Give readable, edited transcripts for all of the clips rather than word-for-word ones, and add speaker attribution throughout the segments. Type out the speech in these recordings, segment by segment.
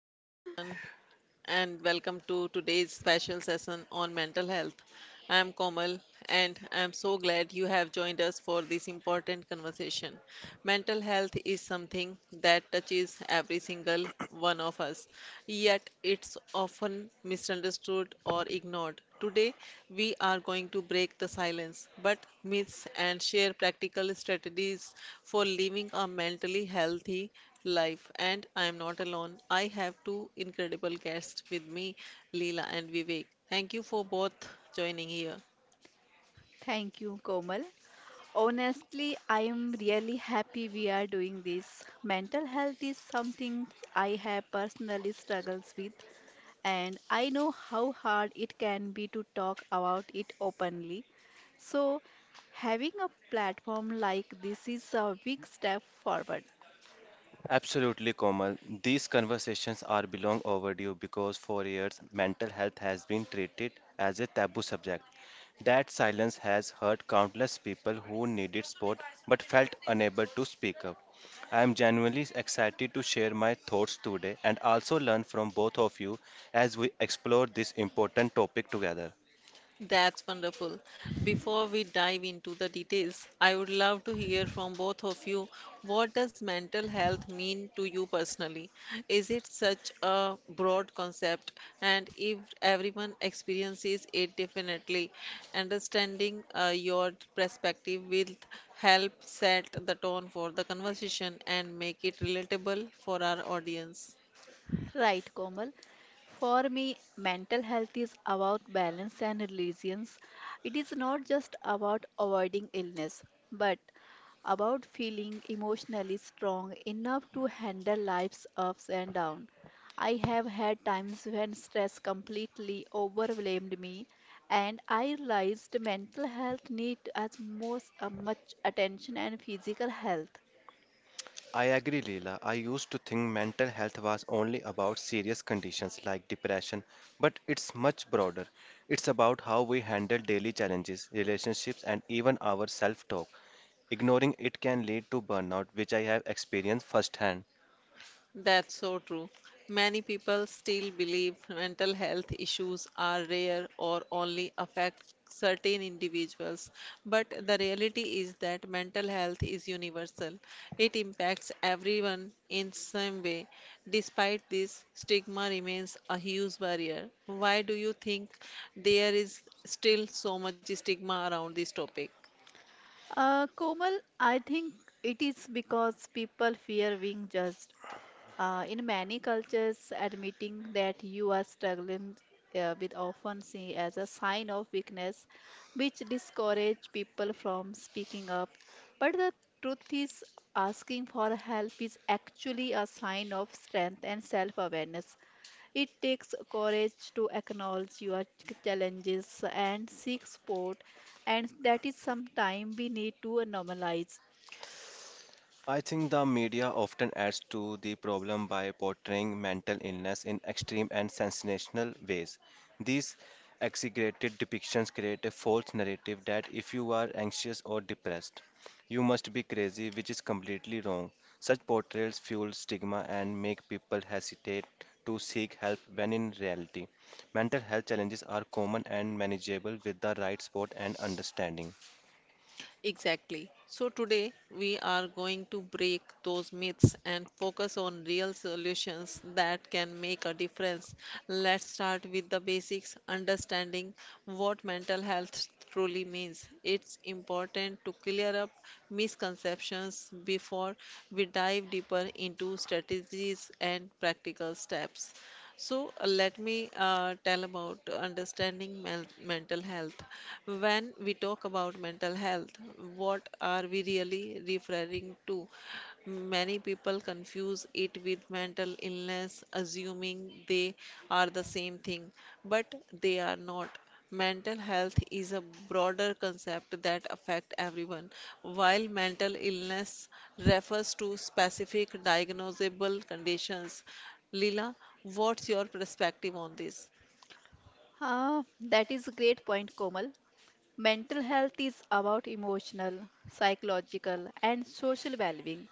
Speaker 1: Hello, everyone, and welcome to today's special session on mental health. I'm Komal, and I'm so glad you have joined us for this important conversation. Mental health is something that touches every single one of us, yet it's often misunderstood or ignored. Today, we are going to break the silence, but myths and share practical strategies for living a mentally healthy life. And I am not alone. I have two incredible guests with me, Leela and Vivek. Thank you for both joining here.
Speaker 2: Thank you, Komal. Honestly, I am really happy we are doing this. Mental health is something I have personally struggles with, and I know how hard it can be to talk about it openly. So, having a platform like this is a big step forward.
Speaker 3: Absolutely, Komal. These conversations are long overdue because for years mental health has been treated as a taboo subject. That silence has hurt countless people who needed support but felt unable to speak up. I am genuinely excited to share my thoughts today and also learn from both of you as we explore this important topic together.
Speaker 1: That's wonderful. Before we dive into the details, I would love to hear from both of you, what does mental health mean to you personally? Is it such a broad concept? And if everyone experiences it differently, understanding your perspective will help set the tone for the conversation and make it relatable for our audience.
Speaker 2: Right, Komal? For me, mental health is about balance and resilience. It is not just about avoiding illness, but about feeling emotionally strong enough to handle life's ups and downs. I have had times when stress completely overwhelmed me, and I realized mental health needs as most much attention and physical health.
Speaker 3: I agree, Leela. I used to think mental health was only about serious conditions like depression, but it's much broader. It's about how we handle daily challenges, relationships, and even our self talk. Ignoring it can lead to burnout, which I have experienced firsthand.
Speaker 1: That's so true. Many people still believe mental health issues are rare or only affect certain individuals, but the reality is that mental health is universal. It impacts everyone in some way. Despite this, stigma remains a huge barrier. Why do you think there is still so much stigma around this topic?
Speaker 2: Komal, I think it is because people fear being judged. In many cultures, admitting that you are struggling with often seen as a sign of weakness, which discourage people from speaking up. But the truth is, asking for help is actually a sign of strength and self-awareness. It takes courage to acknowledge your challenges and seek support, and that is sometime we need to normalize.
Speaker 3: I think the media often adds to the problem by portraying mental illness in extreme and sensational ways. These exaggerated depictions create a false narrative that if you are anxious or depressed, you must be crazy, which is completely wrong. Such portrayals fuel stigma and make people hesitate to seek help when in reality, mental health challenges are common and manageable with the right support and understanding.
Speaker 1: Exactly. So today we are going to break those myths and focus on real solutions that can make a difference. Let's start with the basics, understanding what mental health truly means. It's important to clear up misconceptions before we dive deeper into strategies and practical steps. So let me tell about understanding mental health. When we talk about mental health, what are we really referring to? Many people confuse it with mental illness, assuming they are the same thing, but they are not. Mental health is a broader concept that affects everyone, while mental illness refers to specific diagnosable conditions. Lila, what's your perspective on this?
Speaker 2: That is a great point, Komal. Mental health is about emotional, psychological, and social well-being.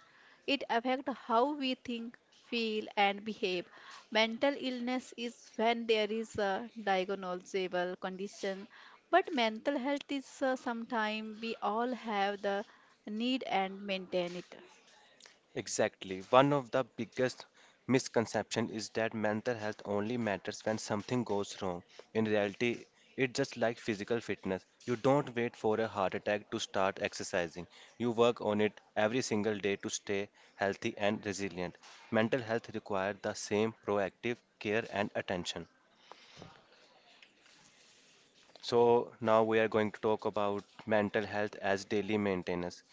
Speaker 2: It affects how we think, feel, and behave. Mental illness is when there is a diagnosable condition, but mental health is sometime we all have the need and maintain it.
Speaker 3: Exactly. One of the biggest misconceptions is that mental health only matters when something goes wrong. In reality, it's just like physical fitness. You don't wait for a heart attack to start exercising. You work on it every single day to stay healthy and resilient. Mental health requires the same proactive care and attention. So now we are going to talk about mental health as daily maintenance.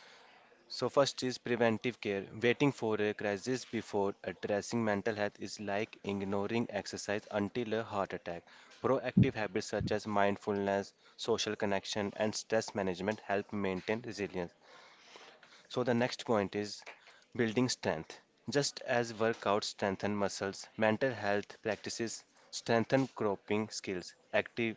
Speaker 3: So, first is preventive care. Waiting for a crisis before addressing mental health is like ignoring exercise until a heart attack. Proactive habits such as mindfulness, social connection, and stress management help maintain resilience. So the next point is building strength. Just as workouts strengthen muscles, mental health practices strengthen coping skills. Active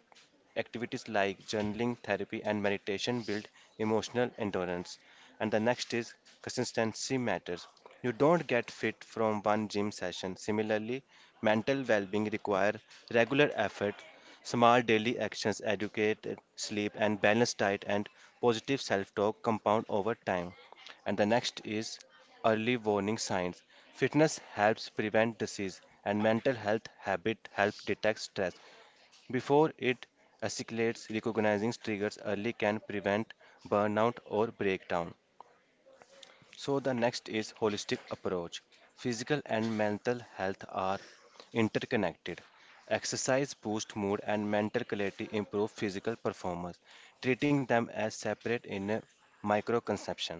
Speaker 3: activities like journaling, therapy, and meditation build emotional endurance. And the next is consistency matters. You don't get fit from one gym session. Similarly, mental well-being require regular effort, small daily actions, educate, sleep, and balanced diet and positive self-talk compound over time. And the next is early warning signs. Fitness helps prevent disease, and mental health habit help detect stress before it escalates. Recognizing triggers early can prevent burnout or breakdown. So the next is holistic approach. Physical and mental health are interconnected. Exercise boosts mood and mental clarity improve physical performance, treating them as separate in a microconception.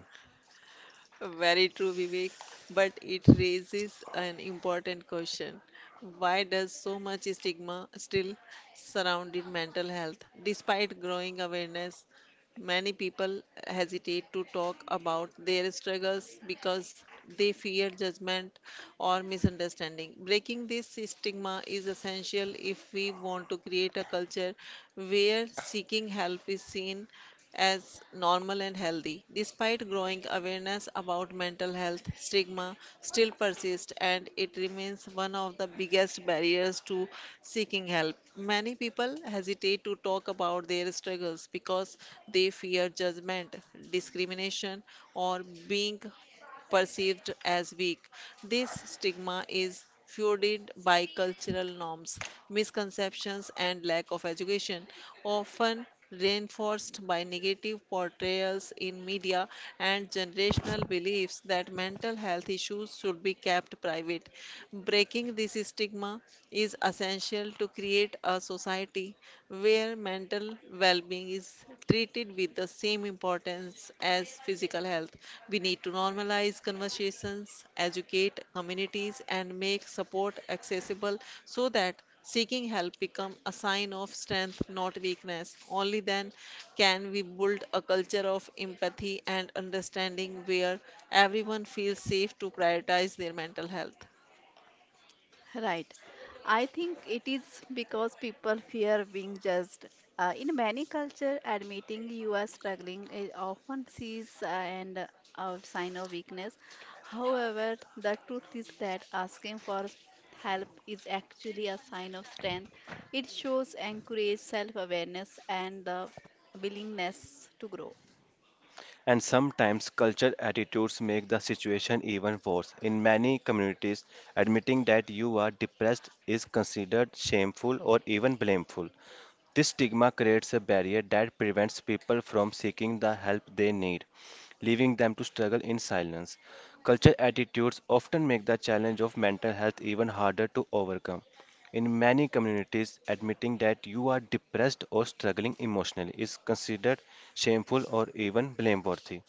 Speaker 1: Very true, Vivek, but it raises an important question. Why does so much stigma still surround in mental health? Despite growing awareness, many people hesitate to talk about their struggles because they fear judgment or misunderstanding. Breaking this stigma is essential if we want to create a culture where seeking help is seen as normal and healthy. Despite growing awareness about mental health, stigma still persists and it remains one of the biggest barriers to seeking help. Many people hesitate to talk about their struggles because they fear judgment, discrimination, or being perceived as weak. This stigma is fueled by cultural norms, misconceptions, and lack of education, often reinforced by negative portrayals in media and generational beliefs that mental health issues should be kept private. Breaking this stigma is essential to create a society where mental well being is treated with the same importance as physical health. We need to normalize conversations, educate communities, and make support accessible so that seeking help become a sign of strength, not weakness. Only then can we build a culture of empathy and understanding where everyone feels safe to prioritize their mental health.
Speaker 2: Right. I think it is because people fear being judged. In many cultures, admitting you are struggling is often seen and a sign of weakness. However, the truth is that asking for help is actually a sign of strength. It shows encourage self-awareness and the willingness to grow.
Speaker 3: And sometimes cultural attitudes make the situation even worse. In many communities, admitting that you are depressed is considered shameful or even blameful. This stigma creates a barrier that prevents people from seeking the help they need, leaving them to struggle in silence. Cultural attitudes often make the challenge of mental health even harder to overcome. In many communities, admitting that you are depressed or struggling emotionally is considered shameful or even blameworthy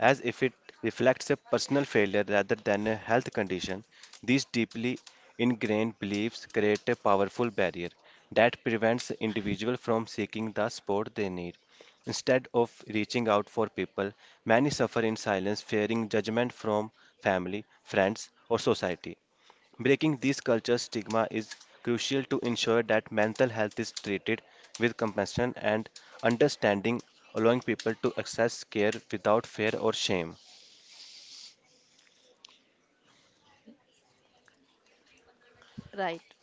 Speaker 3: as if it reflects a personal failure rather than a health condition. These deeply ingrained beliefs create a powerful barrier that prevents individuals from seeking the support they need. Instead of reaching out for people, many suffer in silence, fearing judgment from family, friends, or society. Breaking these culture stigma is crucial to ensure that mental health is treated with compassion and understanding, allowing people to access care without fear or shame.
Speaker 2: Right.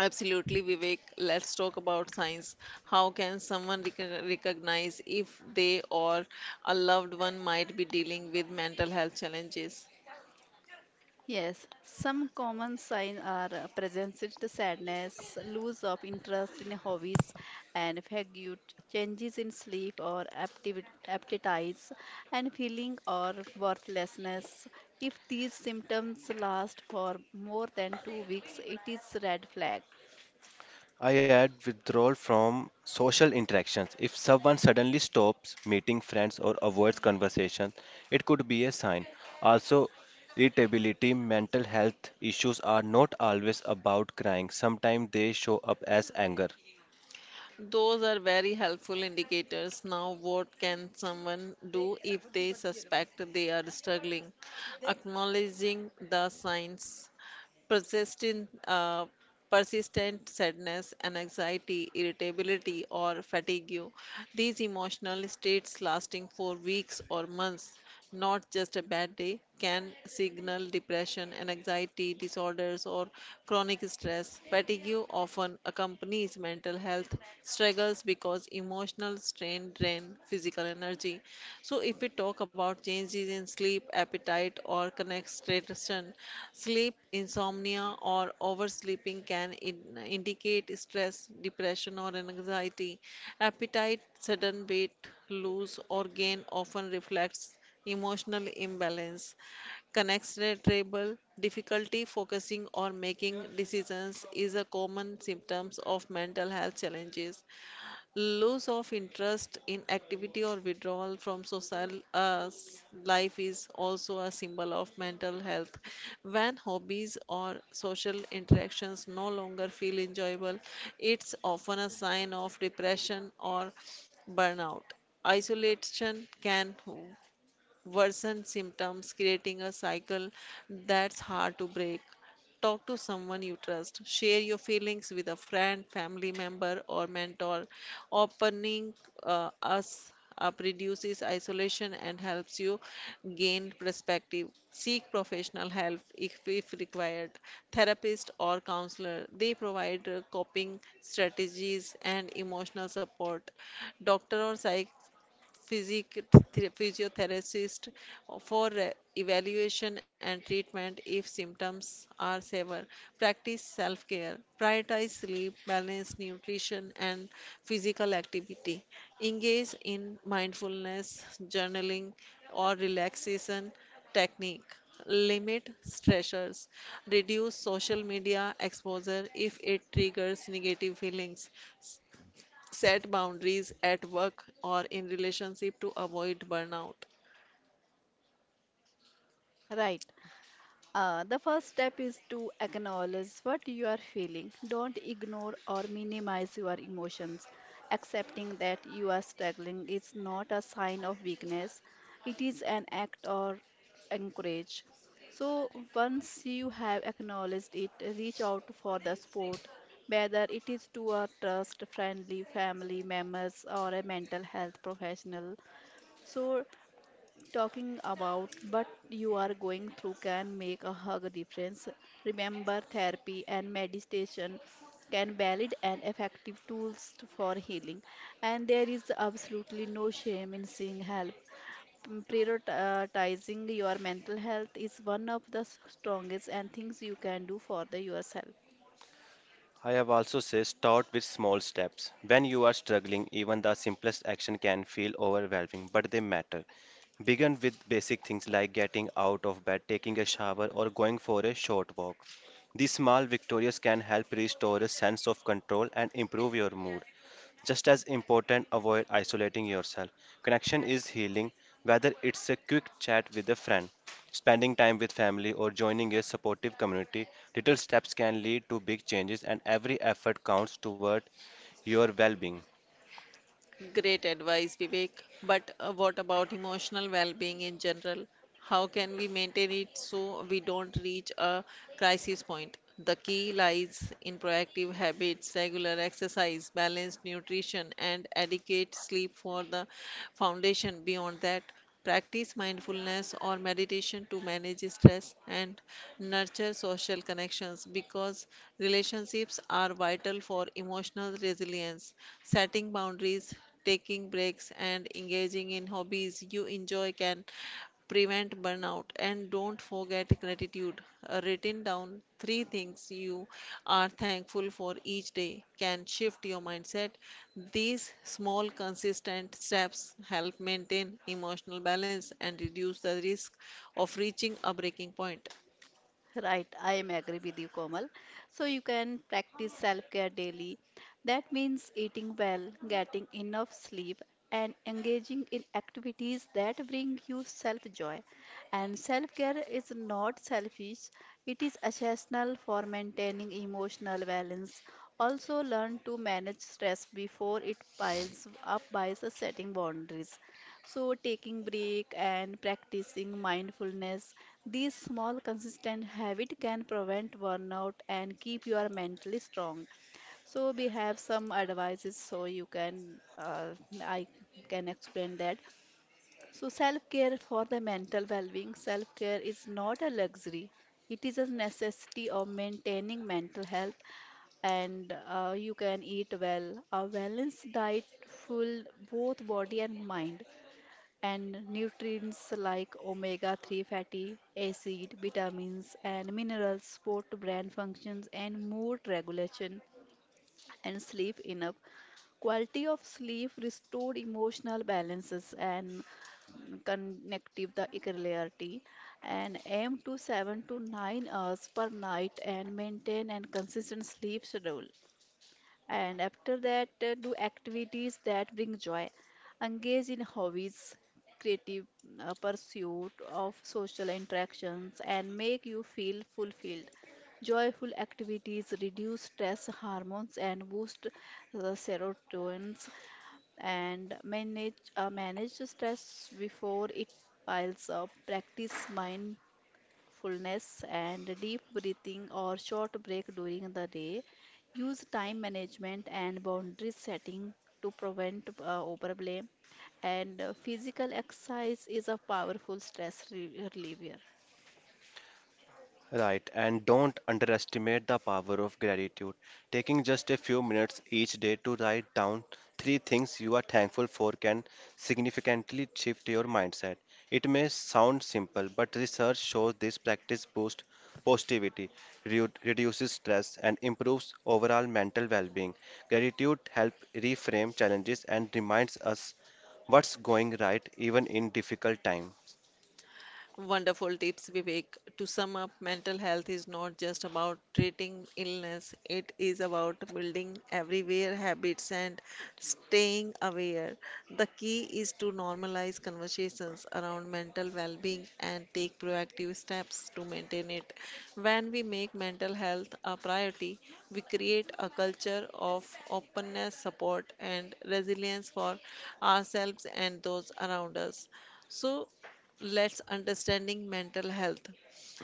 Speaker 1: Absolutely, Vivek. Let's talk about signs. How can someone recognize if they or a loved one might be dealing with mental health challenges?
Speaker 2: Yes, some common signs are presence, is the sadness, loss of interest in hobbies, and fatigue, changes in sleep or appetites, and feeling or worthlessness. If these symptoms last for more than 2 weeks, it is red flag.
Speaker 3: I add withdrawal from social interactions. If someone suddenly stops meeting friends or avoids conversation, it could be a sign. Also, irritability, mental health issues are not always about crying. Sometimes they show up as anger,
Speaker 1: Those are very helpful indicators. Now, what can someone do if they suspect they are struggling? Acknowledging the signs: persistent, uh, persistent sadness and anxiety, irritability, or fatigue. These emotional states lasting for weeks or months, not just a bad day, can signal depression and anxiety disorders or chronic stress. Fatigue often accompanies mental health struggles because cause emotional strain, drain physical energy. So, if we talk about changes in sleep, appetite, or concentration, sleep insomnia or oversleeping can indicate stress, depression, or anxiety. Appetite, sudden weight lose, or gain often reflects emotional imbalance. Concentrable difficulty focusing or making decisions is a common symptoms of mental health challenges. Loss of interest in activity or withdrawal from social life is also a symbol of mental health. When hobbies or social interactions no longer feel enjoyable, it's often a sign of depression or burnout. Isolation can worsen symptoms, creating a cycle that's hard to break. Talk to someone you trust. Share your feelings with a friend, family member, or mentor. Opening us up reduces isolation and helps you gain perspective. Seek professional help if required. Therapist or counselor, they provide coping strategies and emotional support. Doctor or physic- physiotherapist for evaluation and treatment if symptoms are severe. Practice self care. Prioritize sleep, balance, nutrition, and physical activity. Engage in mindfulness, journaling, or relaxation technique. Limit stressors. Reduce social media exposure if it triggers negative feelings. Set boundaries at work or in relationship to avoid burnout.
Speaker 2: Right. The first step is to acknowledge what you are feeling. Don't ignore or minimize your emotions. Accepting that you are struggling is not a sign of weakness, it is an act or encourage. So, once you have acknowledged it, reach out for the support, whether it is to a trust friendly family members or a mental health professional. So, talking about what you are going through can make a hug difference. Remember, therapy and meditation can valid and effective tools for healing, and there is absolutely no shame in seeing help. Prioritizing your mental health is one of the strongest and things you can do for the yourself.
Speaker 3: I have also said start with small steps. When you are struggling, even the simplest action can feel overwhelming, but they matter. Begin with basic things like getting out of bed, taking a shower, or going for a short walk. These small victories can help restore a sense of control and improve your mood. Just as important, avoid isolating yourself. Connection is healing, whether it's a quick chat with a friend, spending time with family, or joining a supportive community. Little steps can lead to big changes, and every effort counts toward your well being.
Speaker 1: Great advice, Vivek. But what about emotional well-being in general? How can we maintain it so we don't reach a crisis point? The key lies in proactive habits: regular exercise, balanced nutrition, and adequate sleep for the foundation. Beyond that, practice mindfulness or meditation to manage stress and nurture social connections because relationships are vital for emotional resilience. Setting boundaries, taking breaks, and engaging in hobbies you enjoy can prevent burnout. And don't forget gratitude. Written down three things you are thankful for each day can shift your mindset. These small consistent steps help maintain emotional balance and reduce the risk of reaching a breaking point.
Speaker 2: Right, I am agree with you, Komal. So you can practice self-care daily. That means eating well, getting enough sleep, and engaging in activities that bring you self-joy. And self-care is not selfish; it is essential for maintaining emotional balance. Also, learn to manage stress before it piles up by setting boundaries. So, taking break and practicing mindfulness, these small, consistent habits can prevent burnout and keep you are mentally strong. So we have some advices so you can, I can explain that. So self-care for the mental well-being. Self-care is not a luxury. It is a necessity of maintaining mental health, and you can eat well. A balanced diet full both body and mind, and nutrients like omega 3 fatty acid, vitamins, and minerals support brain functions and mood regulation, and sleep enough. Quality of sleep restored emotional balances and connective the clarity, and aim to 7 to 9 hours per night and maintain and consistent sleep schedule. And after that, do activities that bring joy. Engage in hobbies, creative pursuit of social interactions, and make you feel fulfilled. Joyful activities reduce stress hormones and boost serotonin, and manage manage stress before it piles up. Practice mind fullness and deep breathing or short break during the day. Use time management and boundary setting to prevent overblame. And physical exercise is a powerful stress reliever.
Speaker 3: Right, and don't underestimate the power of gratitude. Taking just a few minutes each day to write down three things you are thankful for can significantly shift your mindset. It may sound simple, but research shows this practice boosts positivity, reduces stress, and improves overall mental well being. Gratitude helps reframe challenges and reminds us what's going right even in difficult times.
Speaker 1: Wonderful tips, Vivek. To sum up, mental health is not just about treating illness, it is about building everywhere habits and staying aware. The key is to normalize conversations around mental well being and take proactive steps to maintain it. When we make mental health a priority, we create a culture of openness, support, and resilience for ourselves and those around us. So, let's understanding mental health.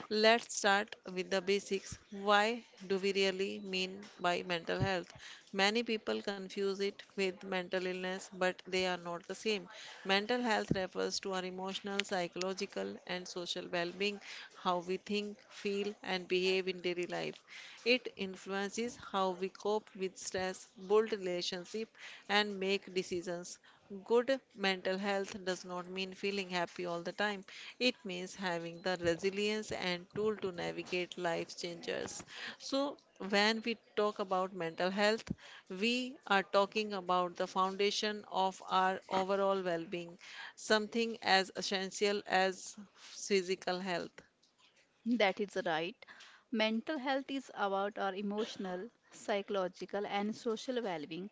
Speaker 1: Let's start with the basics. Why do we really mean by mental health? Many people confuse it with mental illness, but they are not the same. Mental health refers to our emotional, psychological, and social well being, how we think, feel, and behave in daily life. It influences how we cope with stress, build relationships, and make decisions. Good mental health does not mean feeling happy all the time. It means having the resilience and tool to navigate life's changes. So, when we talk about mental health, we are talking about the foundation of our overall well being, something as essential as physical health.
Speaker 2: That is right. Mental health is about our emotional, psychological, and social well being.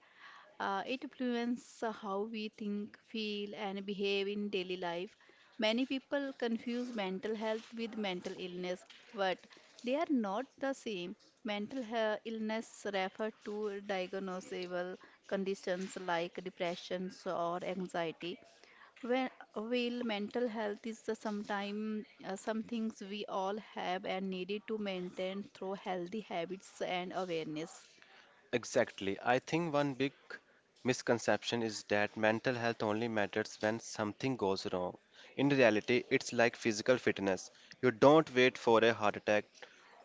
Speaker 2: It influences how we think, feel, and behave in daily life. Many people confuse mental health with mental illness, but they are not the same. Mental illness refer to diagnosable conditions like depression or anxiety. When, while mental health is sometimes some things we all have and needed to maintain through healthy habits and awareness.
Speaker 3: Exactly. I think one big misconception is that mental health only matters when something goes wrong. In reality, it's like physical fitness. You don't wait for a heart attack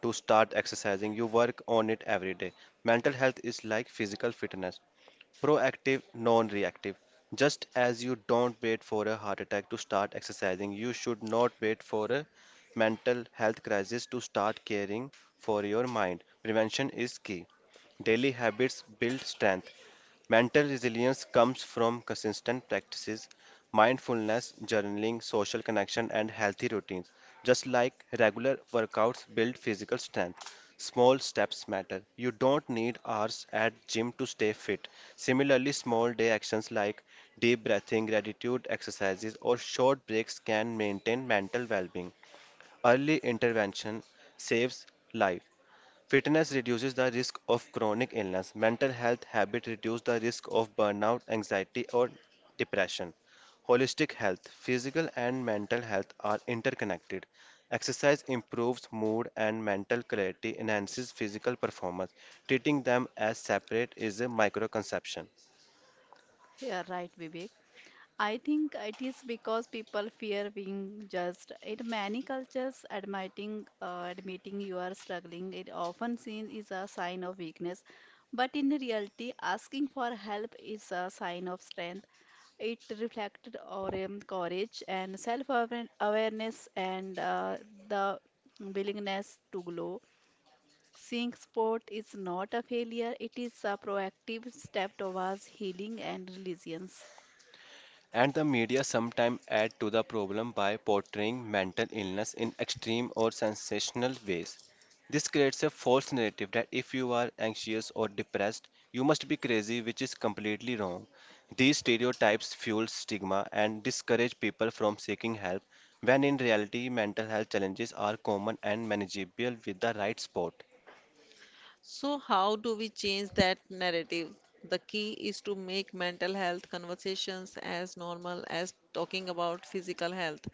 Speaker 3: to start exercising, you work on it every day. Mental health is like physical fitness. Proactive, non reactive. Just as you don't wait for a heart attack to start exercising, you should not wait for a mental health crisis to start caring for your mind. Prevention is key. Daily habits build strength. Mental resilience comes from consistent practices, mindfulness, journaling, social connection, and healthy routines. Just like regular workouts build physical strength, small steps matter. You don't need hours at gym to stay fit. Similarly, small day actions like deep breathing, gratitude exercises, or short breaks can maintain mental well-being. Early intervention saves life. Fitness reduces the risk of chronic illness. Mental health habits reduce the risk of burnout, anxiety, or depression. Holistic health, physical and mental health are interconnected. Exercise improves mood and mental clarity, enhances physical performance. Treating them as separate is a microconception.
Speaker 2: Yeah, right, Vivek. I think it is because people fear being judged. In many cultures, admitting you are struggling is often seen is a sign of weakness, but in reality, asking for help is a sign of strength. It reflected our courage and self-awareness, and the willingness to grow. Seeing sport is not a failure; it is a proactive step towards healing and resilience.
Speaker 3: And the media sometimes add to the problem by portraying mental illness in extreme or sensational ways. This creates a false narrative that if you are anxious or depressed, you must be crazy, which is completely wrong. These stereotypes fuel stigma and discourage people from seeking help, when in reality, mental health challenges are common and manageable with the right support.
Speaker 1: So, how do we change that narrative? The key is to make mental health conversations as normal as talking about physical health.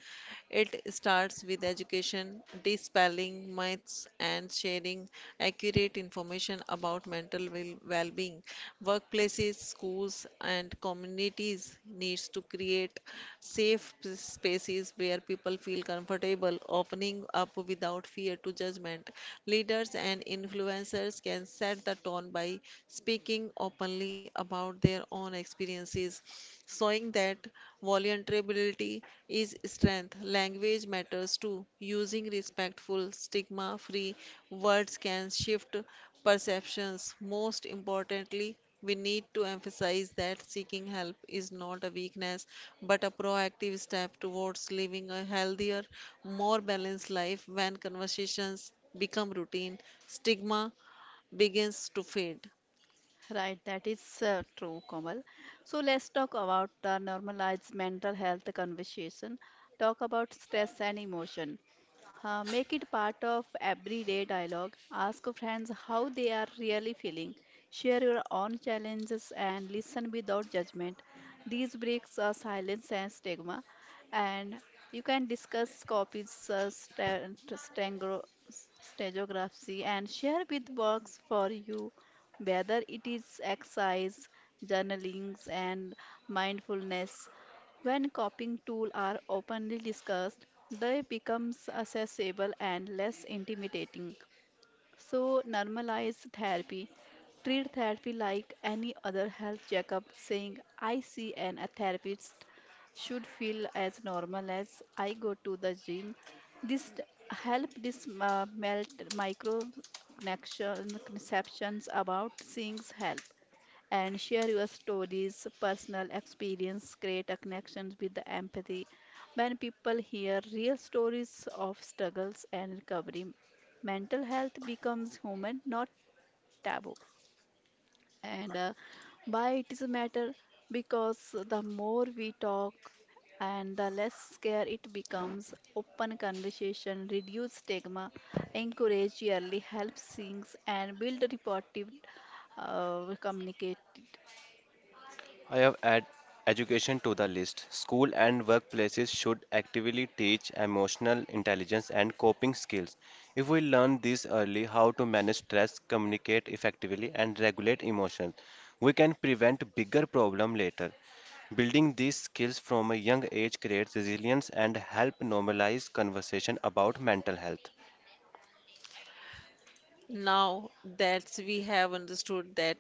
Speaker 1: It starts with education, dispelling myths, and sharing accurate information about mental well being. Workplaces, schools, and communities needs to create safe spaces where people feel comfortable opening up without fear to judgment. Leaders and influencers can set the tone by speaking openly about their own experiences, showing that vulnerability is strength. Language matters too. Using respectful, stigma free words can shift perceptions. Most importantly, we need to emphasize that seeking help is not a weakness but a proactive step towards living a healthier, more balanced life. When conversations become routine, stigma begins to fade.
Speaker 2: Right, that is true, Komal. So let's talk about the normalized mental health conversation. Talk about stress and emotion. Make it part of everyday dialogue. Ask friends how they are really feeling. Share your own challenges and listen without judgment. These breaks are silence and stigma. And you can discuss copies, stereography, and share with works for you, whether it is exercise, journalings, and mindfulness. When coping tools are openly discussed, they become accessible and less intimidating. So, normalize therapy. Treat therapy like any other health checkup, saying, I see a therapist, should feel as normal as I go to the gym. This help this melt micro conceptions about seeing help, and share your stories, personal experience, create a connection with the empathy. When people hear real stories of struggles and recovery, mental health becomes human, not taboo. And Why it is a matter? Because the more we talk, and the less scare it becomes, open conversation, reduce stigma, encourage yearly help sinks and build reportive communicate.
Speaker 3: I have add education to the list. School and workplaces should actively teach emotional intelligence and coping skills. If we learn this early, how to manage stress, communicate effectively, and regulate emotions, we can prevent bigger problems later. Building these skills from a young age creates resilience and help normalize conversation about mental health.
Speaker 1: Now that we have understood that,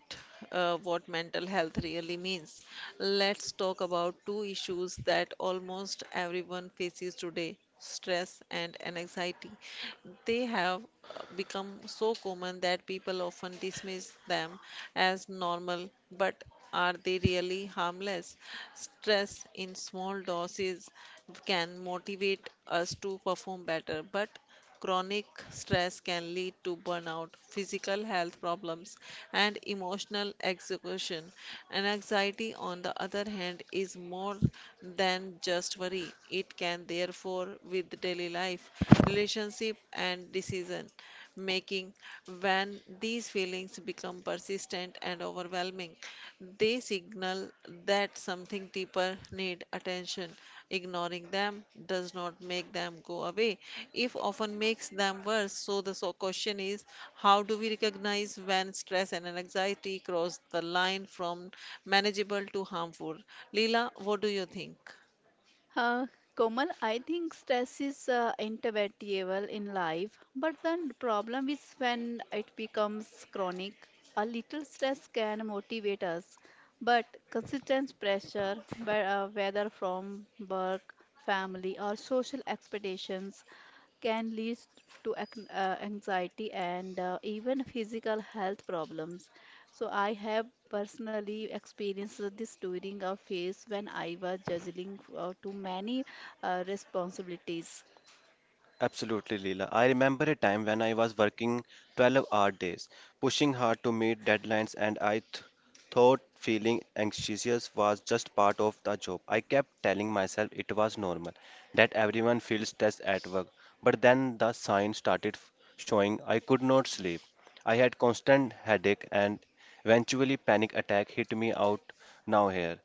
Speaker 1: what mental health really means, let's talk about two issues that almost everyone faces today, stress and anxiety. They have become so common that people often dismiss them as normal, but are they really harmless? Stress in small doses can motivate us to perform better, but chronic stress can lead to burnout, physical health problems, and emotional exhaustion. And anxiety, on the other hand, is more than just worry. It can therefore with daily life, relationship, and decision making. When these feelings become persistent and overwhelming, they signal that something deeper need attention. Ignoring them does not make them go away, if often makes them worse. So the, so question is, how do we recognize when stress and anxiety cross the line from manageable to harmful? Leela, what do you think?
Speaker 2: Uh, Komal, I think stress is inevitable in life, but the problem is when it becomes chronic. A little stress can motivate us, but consistent pressure, whether from work, family, or social expectations, can lead to anxiety, and even physical health problems. So, I have personally experienced this during a phase when I was juggling too many responsibilities.
Speaker 3: Absolutely, Leela. I remember a time when I was working 12-hour days, pushing hard to meet deadlines, and I th thought feeling anxious was just part of the job. I kept telling myself it was normal, that everyone feels stressed at work. But then the signs started showing I could not sleep. I had constant headache and eventually panic attack hit me out now here.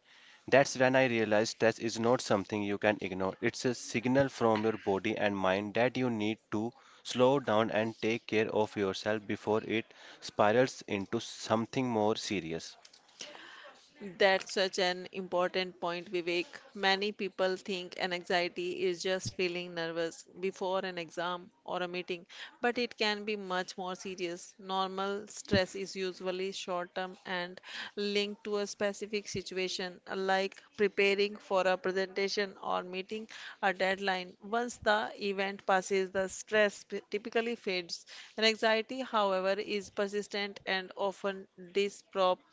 Speaker 3: That's when I realized stress is not something you can ignore. It's a signal from your body and mind that you need to slow down and take care of yourself before it spirals into something more serious.
Speaker 1: That's such an important point, Vivek. Many people think an anxiety is just feeling nervous before an exam or a meeting, but it can be much more serious. Normal stress is usually short term and linked to a specific situation, like preparing for a presentation or meeting a deadline. Once the event passes, the stress typically fades. An anxiety, however, is persistent and often disproportionate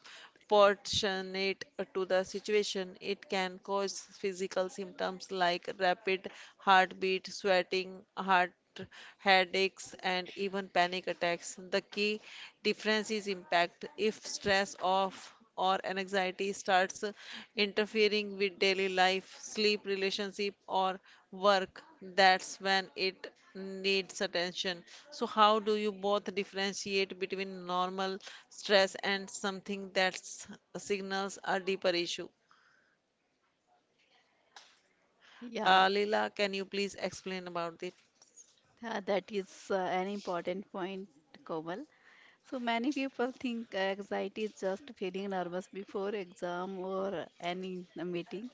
Speaker 1: proportionate to the situation. It can cause physical symptoms like rapid heartbeat, sweating, heart headaches, and even panic attacks. The key difference is impact. If stress of or anxiety starts interfering with daily life, sleep, relationship, or work, that's when it needs attention. So, how do you both differentiate between normal stress and something that signals a deeper issue?
Speaker 2: Yeah,
Speaker 1: Leela, can you please explain about it?
Speaker 2: that is an important point, Komal. So many people think anxiety is just feeling nervous before exam or any meeting,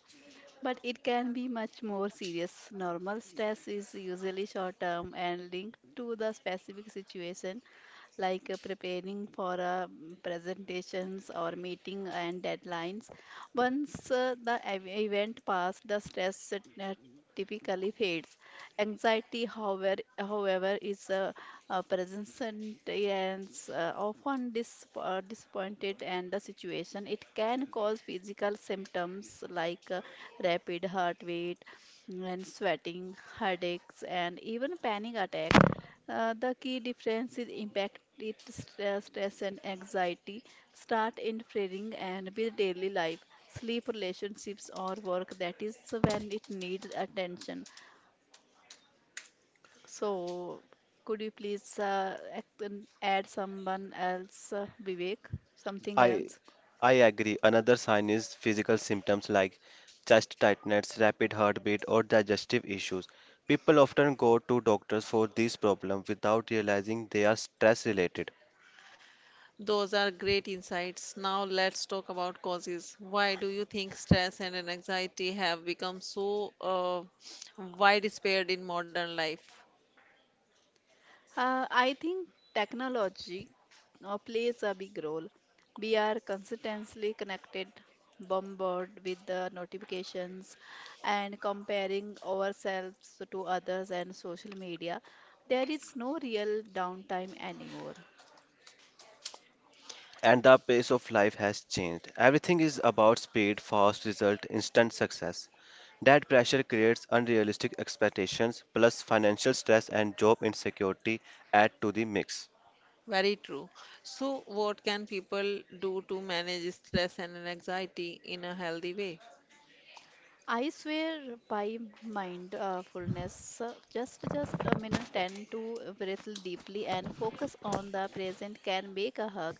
Speaker 2: but it can be much more serious. Normal stress is usually short term and linked to the specific situation, like preparing for presentations or meeting and deadlines. Once the event passed, the stress uh, typically fades. Anxiety, however, is present, and is often disappointed and the situation. It can cause physical symptoms like rapid heart rate and sweating, headaches, and even panic attack. The key difference is impact. It stress and anxiety start interfering and with daily life, sleep, relationships, or work, that is when it needs attention. So, could you please add someone else, Vivek, something
Speaker 3: I
Speaker 2: else?
Speaker 3: I agree. Another sign is physical symptoms like chest tightness, rapid heartbeat, or digestive issues. People often go to doctors for these problems without realizing they are stress related.
Speaker 1: Those are great insights. Now, let's talk about causes. Why do you think stress and anxiety have become so widespread in modern life?
Speaker 2: I think technology plays a big role. We are constantly connected, bombarded with the notifications, and comparing ourselves to others and social media. There is no real downtime anymore.
Speaker 3: And the pace of life has changed. Everything is about speed, fast result, instant success. That pressure creates unrealistic expectations plus financial stress and job insecurity add to the mix.
Speaker 1: Very true. So, what can people do to manage stress and anxiety in a healthy way?
Speaker 2: I swear by mindfulness, just a minute, tend to breathe deeply and focus on the present can make a hug,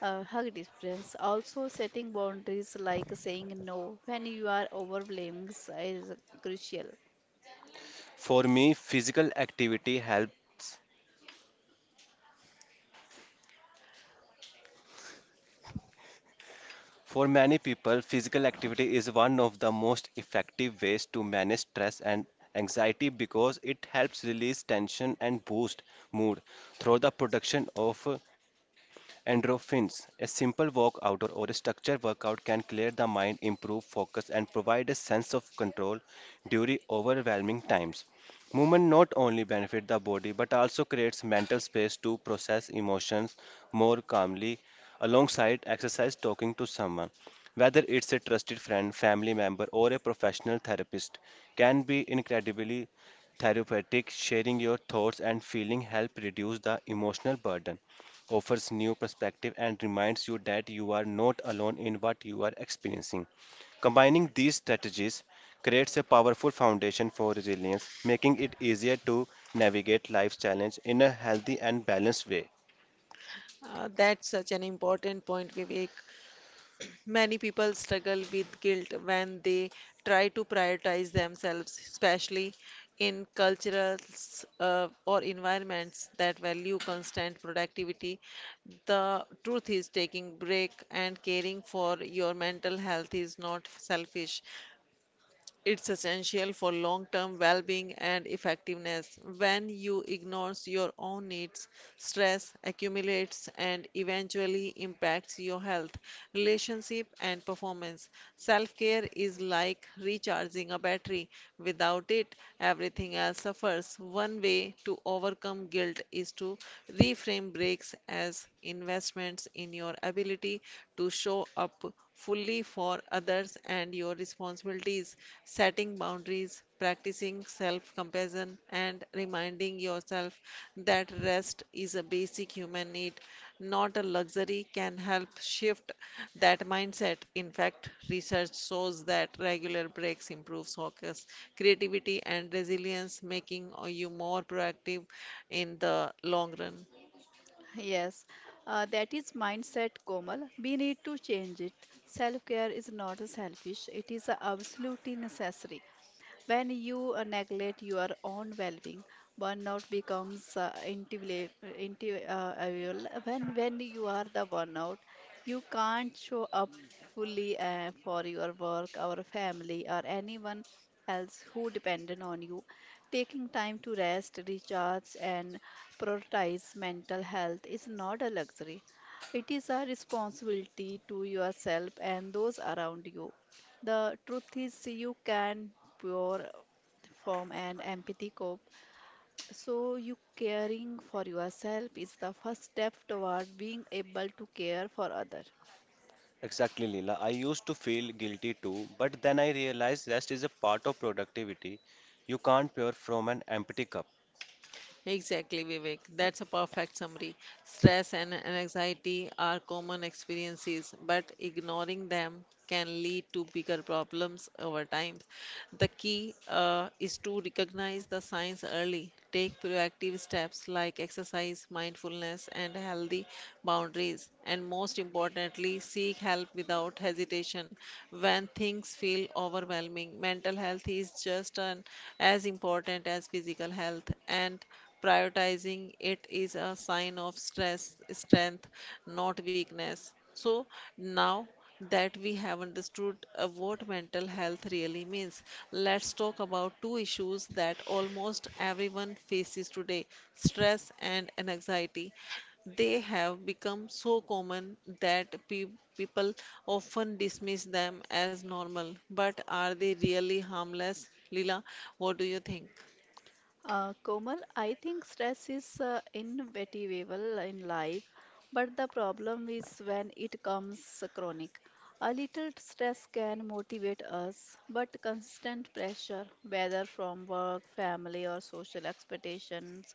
Speaker 2: a hug difference. Also, setting boundaries like saying no when you are overwhelmed is crucial.
Speaker 3: For me, physical activity helps. For many people, physical activity is one of the most effective ways to manage stress and anxiety because it helps release tension and boost mood through the production of endorphins. A simple walk outdoor or a structured workout can clear the mind, improve focus, and provide a sense of control during overwhelming times. Movement not only benefits the body but also creates mental space to process emotions more calmly. Alongside exercise, talking to someone, whether it's a trusted friend, family member, or a professional therapist, can be incredibly therapeutic. Sharing your thoughts and feeling help reduce the emotional burden, offers new perspective, and reminds you that you are not alone in what you are experiencing. Combining these strategies creates a powerful foundation for resilience, making it easier to navigate life's challenge in a healthy and balanced way.
Speaker 1: That's such an important point, Vivek. Many people struggle with guilt when they try to prioritize themselves, especially in cultures or environments that value constant productivity. The truth is, taking break and caring for your mental health is not selfish. It's essential for long term well being and effectiveness. When you ignore your own needs, stress accumulates and eventually impacts your health, relationship, and performance. Self care is like recharging a battery. Without it, everything else suffers. One way to overcome guilt is to reframe breaks as investments in your ability to show up fully for others, and your responsibility is setting boundaries, practicing self compassion, and reminding yourself that rest is a basic human need, not a luxury, can help shift that mindset. In fact, research shows that regular breaks improve focus, creativity, and resilience, making you more proactive in the long run.
Speaker 2: Yes, that is mindset, Komal. We need to change it. Self care is not selfish; it is absolutely necessary. When you neglect your own well-being, burnout becomes inevitable. When you are the burnout, you can't show up fully for your work, our family, or anyone else who depended on you. Taking time to rest, recharge, and prioritize mental health is not a luxury. It is a responsibility to yourself and those around you. The truth is, you can pour from an empathy cope. So, you caring for yourself is the first step toward being able to care for others.
Speaker 3: Exactly, Leela. I used to feel guilty too, but then I realized rest is a part of productivity. You can't pour from an empty cup.
Speaker 1: Exactly, Vivek. That's a perfect summary. Stress and anxiety are common experiences, but ignoring them can lead to bigger problems over time. The key is to recognize the signs early. Take proactive steps like exercise, mindfulness, and healthy boundaries. And most importantly, seek help without hesitation when things feel overwhelming, mental health is just as important as physical health, and prioritizing it is a sign of strength, not weakness. So now that we have understood what mental health really means, let's talk about two issues that almost everyone faces today stress and anxiety. They have become so common that pe people often dismiss them as normal. But are they really harmless? Lila, what do you think?
Speaker 2: Komal, I think stress is inevitable in life, but the problem is when it comes chronic. A little stress can motivate us, but consistent pressure, whether from work, family, or social expectations,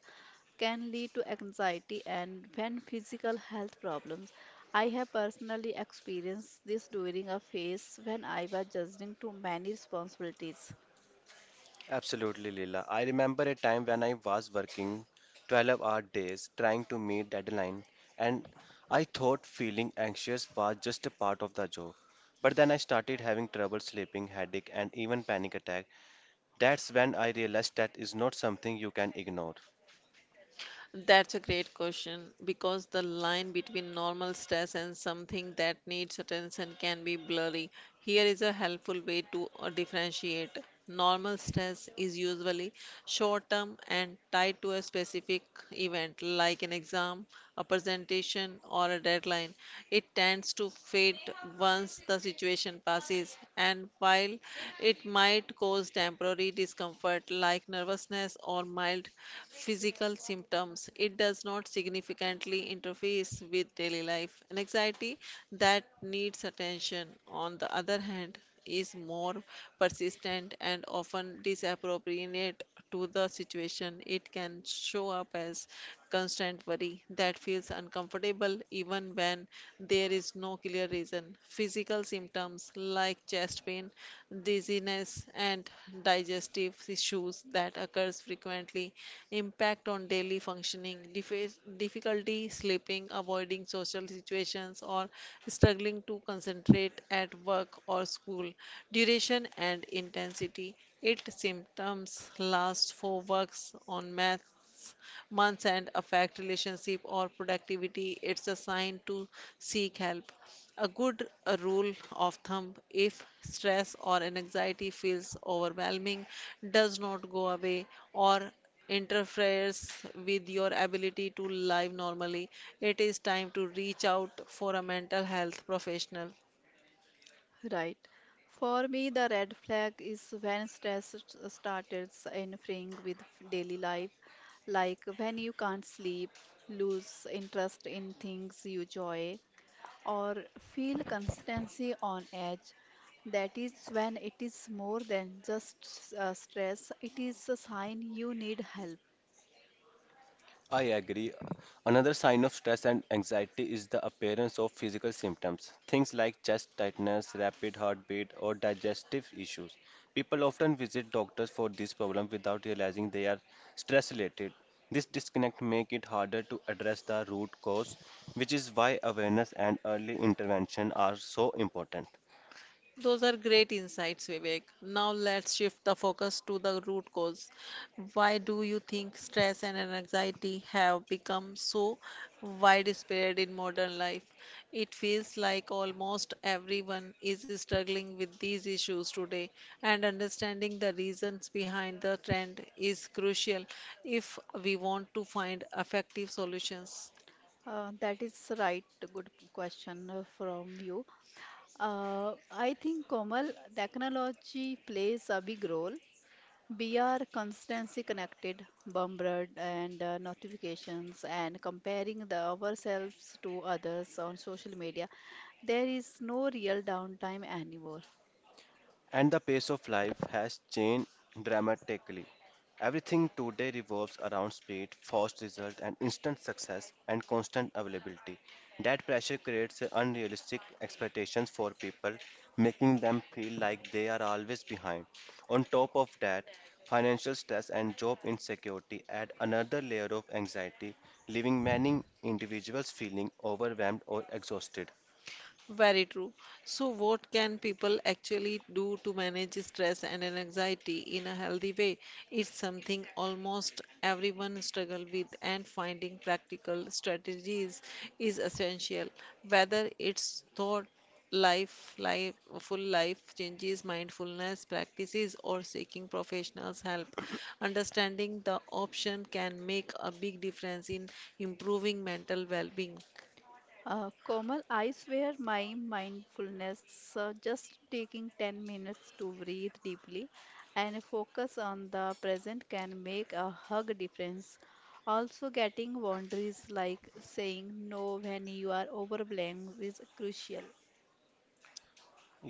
Speaker 2: can lead to anxiety and when physical health problems. I have personally experienced this during a phase when I was juggling too many responsibilities.
Speaker 3: Absolutely, Leela. I remember a time when I was working 12-hour days trying to meet deadline, and I thought feeling anxious was just a part of the job. But then I started having trouble sleeping, headache, and even panic attack. That's when I realized that is not something you can ignore.
Speaker 1: That's a great question because the line between normal stress and something that needs attention can be blurry. Here is a helpful way to differentiate. Normal stress is usually short term and tied to a specific event like an exam, a presentation, or a deadline. It tends to fade once the situation passes, and while it might cause temporary discomfort like nervousness or mild physical symptoms. It does not significantly interfere with daily life. An anxiety that needs attention, on the other hand, is more persistent and often disappropriate to the situation, it can show up as constant worry that feels uncomfortable even when there is no clear reason. Physical symptoms like chest pain, dizziness, and digestive issues that occurs frequently impact on daily functioning, difficulty sleeping, avoiding social situations, or struggling to concentrate at work or school. Duration and intensity. Its symptoms last for works on maths, months and affect relationship or productivity. It's a sign to seek help. A good rule of thumb if stress or anxiety feels overwhelming, does not go away, or interferes with your ability to live normally, it is time to reach out for a mental health professional.
Speaker 2: Right. For me, the red flag is when stress started interfering with daily life, like when you can't sleep, lose interest in things you enjoy, or feel consistency on edge, that is when it is more than just stress, it is a sign you need help.
Speaker 3: I agree. Another sign of stress and anxiety is the appearance of physical symptoms, things like chest tightness, rapid heartbeat, or digestive issues. People often visit doctors for this problem without realizing they are stress related. This disconnect makes it harder to address the root cause, which is why awareness and early intervention are so important.
Speaker 1: Those are great insights, Vivek. Now let's shift the focus to the root cause. Why do you think stress and anxiety have become so widespread in modern life? It feels like almost everyone is struggling with these issues today, and understanding the reasons behind the trend is crucial if we want to find effective solutions.
Speaker 2: That is right. Good question from you. I think, Komal, technology plays a big role. We are constantly connected, bombarded, and notifications, and comparing the ourselves to others on social media. There is no real downtime anymore.
Speaker 3: And the pace of life has changed dramatically. Everything today revolves around speed, fast result, and instant success and constant availability. That pressure creates unrealistic expectations for people, making them feel like they are always behind. On top of that, financial stress and job insecurity add another layer of anxiety, leaving many individuals feeling overwhelmed or exhausted.
Speaker 1: Very true. So, what can people actually do to manage stress and an anxiety in a healthy way? It's something almost everyone struggle with, and finding practical strategies is essential. Whether it's thought full life changes, mindfulness practices, or seeking professionals' help, understanding the option can make a big difference in improving mental well-being.
Speaker 2: Komal, I swear my mindfulness, just taking 10 minutes to breathe deeply and focus on the present can make a hug difference. Also, getting boundaries like saying no when you are overwhelmed is crucial.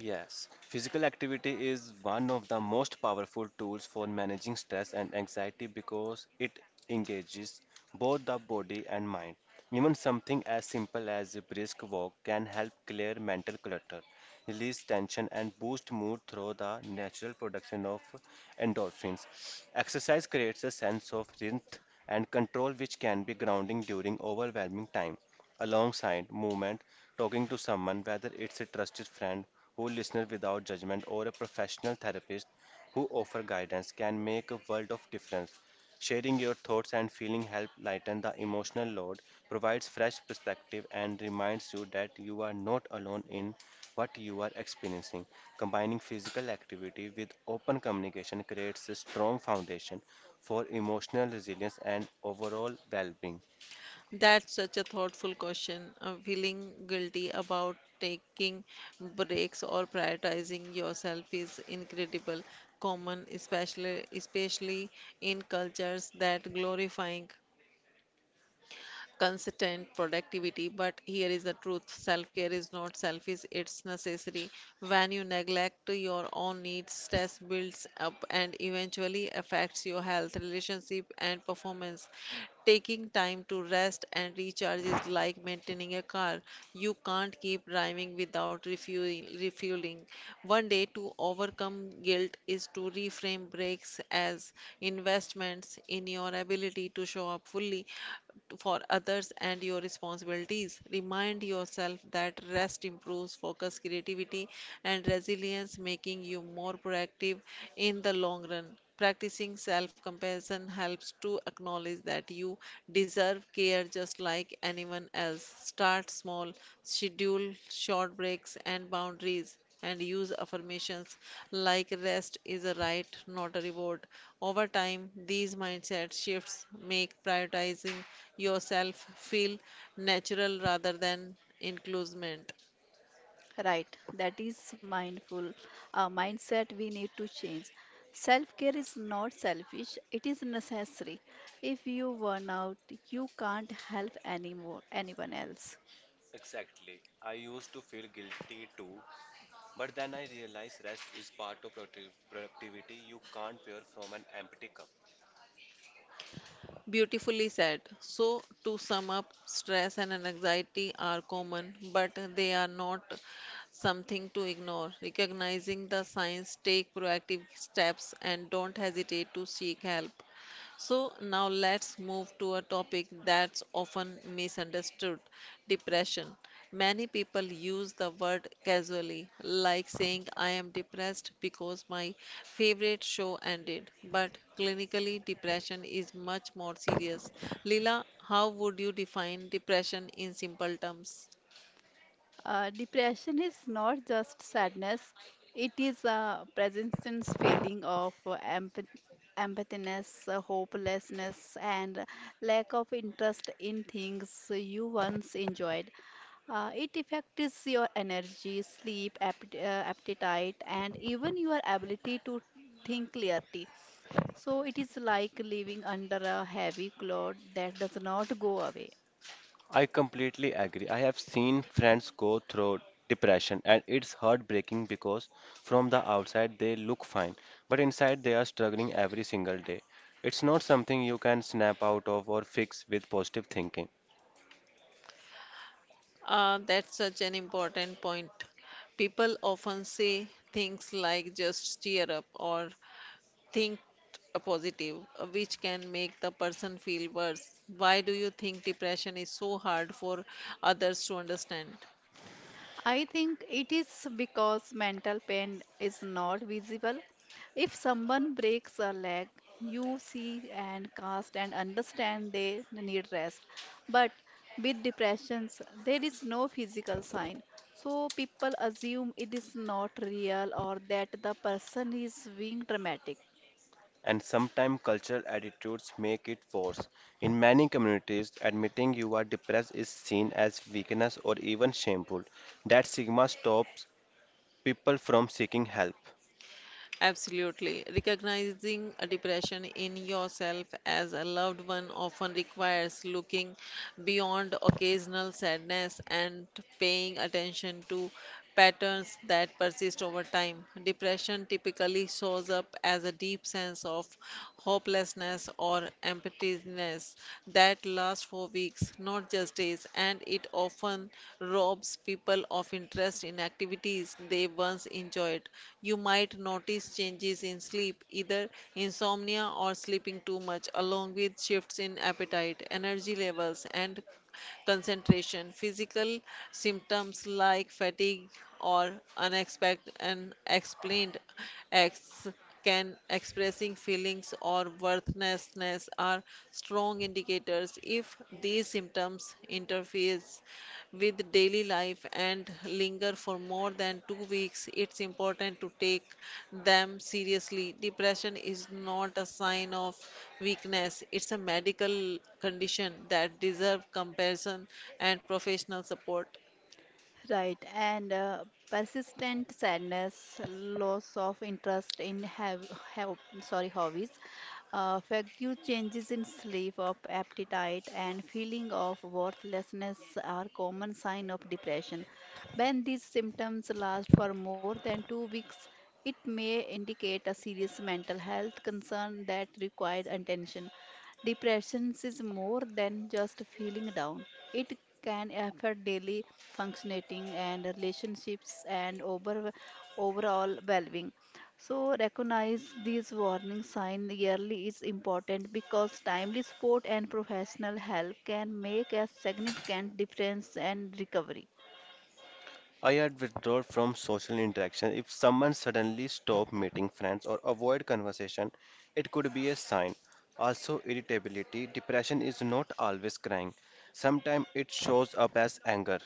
Speaker 3: Yes, physical activity is one of the most powerful tools for managing stress and anxiety because it engages both the body and mind. Even something as simple as a brisk walk can help clear mental clutter, release tension, and boost mood through the natural production of endorphins. Exercise creates a sense of rhythm and control, which can be grounding during overwhelming time alongside movement, talking to someone, whether it's a trusted friend who listen without judgment, or a professional therapist who offer guidance can make a world of difference. Sharing your thoughts and feeling help lighten the emotional load, provides fresh perspective, and reminds you that you are not alone in what you are experiencing. Combining physical activity with open communication creates a strong foundation for emotional resilience and overall well being.
Speaker 1: That's such a thoughtful question. Feeling guilty about taking breaks or prioritizing yourself is incredible common, especially in cultures that glorifying consistent productivity. But here is the truth self care is not selfish, it's necessary. When you neglect your own needs, stress builds up and eventually affects your health, relationship, and performance. Taking time to rest and recharge is like maintaining a car. You can't keep driving without refueling. One day to overcome guilt is to reframe breaks as investments in your ability to show up fully for others and your responsibilities. Remind yourself that rest improves focus, creativity, and resilience, making you more proactive in the long run. Practicing self compassion helps to acknowledge that you deserve care just like anyone else. Start small, schedule short breaks and boundaries and use affirmations like rest is a right, not a reward. Over time, these mindset shifts make prioritizing yourself feel natural rather than inclusement.
Speaker 2: Right, that is mindful mindset we need to change. Self care is not selfish, it is necessary. If you burn out, you can't help anymore, anyone else.
Speaker 3: Exactly. I used to feel guilty too, but then I realized rest is part of productivity. You can't pour from an empty cup.
Speaker 1: Beautifully said. So, to sum up, stress and anxiety are common, but they are not something to ignore. Recognizing the signs, take proactive steps, and don't hesitate to seek help. So, now let's move to a topic that's often misunderstood depression. Many people use the word casually, like saying, I am depressed because my favorite show ended. But clinically, depression is much more serious. Leela, how would you define depression in simple terms?
Speaker 2: Depression is not just sadness, it is a presence feeling of empathiness, hopelessness, and lack of interest in things you once enjoyed. It affects your energy, sleep, appetite, and even your ability to think clearly. So, it is like living under a heavy cloud that does not go away.
Speaker 3: I completely agree. I have seen friends go through depression and it's heartbreaking because from the outside they look fine, but inside they are struggling every single day. It's not something you can snap out of or fix with positive thinking.
Speaker 1: That's such an important point. People often say things like just cheer up or think a positive, which can make the person feel worse. Why do you think depression is so hard for others to understand?
Speaker 2: I think it is because mental pain is not visible. If someone breaks a leg, you see and cast and understand they need rest. But with depressions, there is no physical sign. So people assume it is not real or that the person is being dramatic.
Speaker 3: And sometimes cultural attitudes make it worse. In many communities, admitting you are depressed is seen as weakness or even shameful. That stigma stops people from seeking help.
Speaker 1: Absolutely. Recognizing a depression in yourself as a loved one often requires looking beyond occasional sadness and paying attention to patterns that persist over time. Depression typically shows up as a deep sense of hopelessness, or emptiness that lasts for weeks, not just days, and it often robs people of interest in activities they once enjoyed. You might notice changes in sleep, either insomnia or sleeping too much, along with shifts in appetite, energy levels, and concentration. Physical symptoms like fatigue or unexpected unexplained acts can expressing feelings or worthlessness are strong indicators if these symptoms interferes with daily life and linger for more than 2 weeks, it's important to take them seriously. Depression is not a sign of weakness, it's a medical condition that deserves compassion and professional support.
Speaker 2: Right, and persistent sadness, loss of interest in have sorry hobbies, frequent changes in sleep, of appetite, and feeling of worthlessness are common sign of depression. When these symptoms last for more than 2 weeks, it may indicate a serious mental health concern that required attention. Depression is more than just feeling down. It can affect daily functioning and relationships and overall well-being. So recognize these warning signs yearly is important because timely support and professional help can make a significant difference and recovery.
Speaker 3: I had withdrawn from social interaction. If someone suddenly stopped meeting friends or avoid conversation, it could be a sign. Also, irritability. Depression is not always crying. Sometimes it shows up as anger.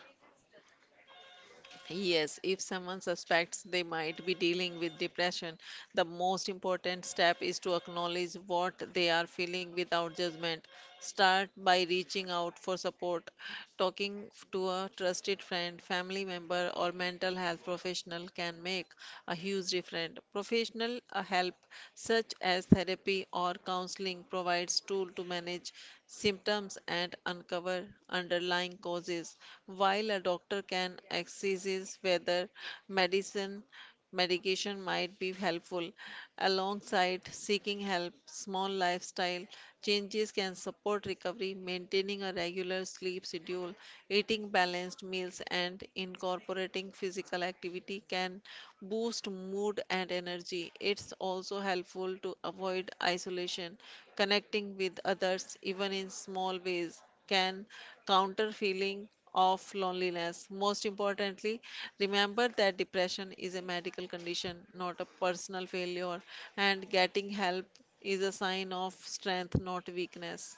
Speaker 1: Yes, if someone suspects they might be dealing with depression, the most important step is to acknowledge what they are feeling without judgment. Start by reaching out for support, talking to a trusted friend, family member, or mental health professional can make a huge difference. Professional help, such as therapy or counseling, provides tools to manage symptoms and uncover underlying causes, while a doctor can assess whether medicine medication might be helpful. Alongside seeking help, small lifestyle changes can support recovery, maintaining a regular sleep schedule, eating balanced meals, and incorporating physical activity can boost mood and energy. It's also helpful to avoid isolation, connecting with others, even in small ways can counter feeling of loneliness. Most importantly, remember that depression is a medical condition, not a personal failure, and getting help is a sign of strength, not weakness.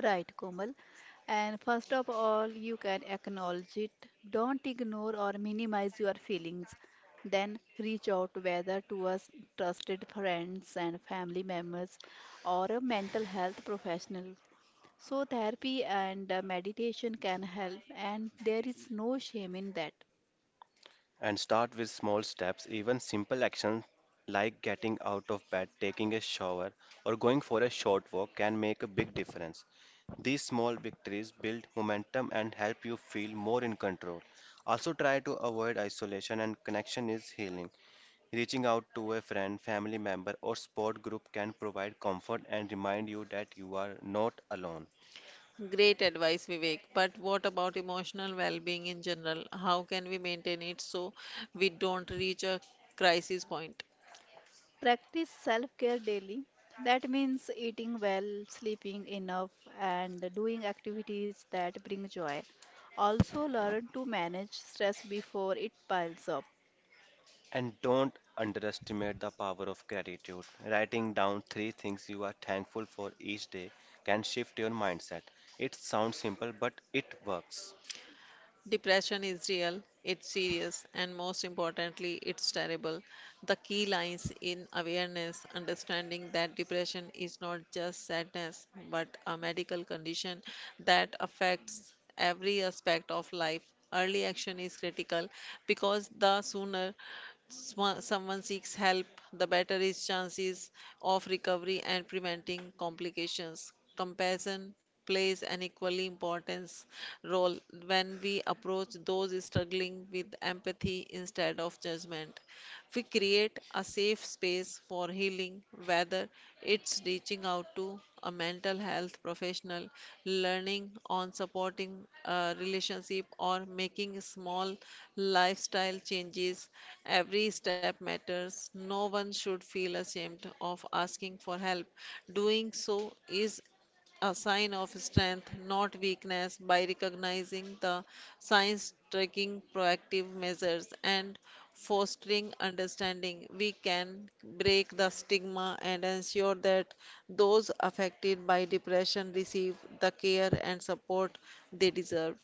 Speaker 2: Right, Komal. And first of all, you can acknowledge it. Don't ignore or minimize your feelings. Then reach out whether to us trusted friends and family members or a mental health professional. So, therapy and meditation can help, and there is no shame in that.
Speaker 3: And start with small steps, even simple actions like getting out of bed, taking a shower, or going for a short walk can make a big difference. These small victories build momentum and help you feel more in control. Also, try to avoid isolation and connection is healing. Reaching out to a friend, family member, or sport group can provide comfort and remind you that you are not alone.
Speaker 1: Great advice, Vivek. But what about emotional well-being in general? How can we maintain it so we don't reach a crisis point?
Speaker 2: Practice self care daily. That means eating well, sleeping enough, and doing activities that bring joy. Also, learn to manage stress before it piles up.
Speaker 3: And don't underestimate the power of gratitude. Writing down three things you are thankful for each day can shift your mindset. It sounds simple, but it works.
Speaker 1: Depression is real, it's serious, and most importantly, it's terrible. The key lies in awareness, understanding that depression is not just sadness, but a medical condition that affects every aspect of life. Early action is critical because the sooner someone seeks help, the better his chances of recovery and preventing complications. Compassion plays an equally important role when we approach those struggling with empathy instead of judgment. We create a safe space for healing, whether it's reaching out to a mental health professional, learning on supporting a relationship, or making small lifestyle changes. Every step matters. No one should feel ashamed of asking for help. Doing so is a sign of strength, not weakness, by recognizing the signs, taking proactive measures, and fostering understanding. We can break the stigma and ensure that those affected by depression receive the care and support they deserve.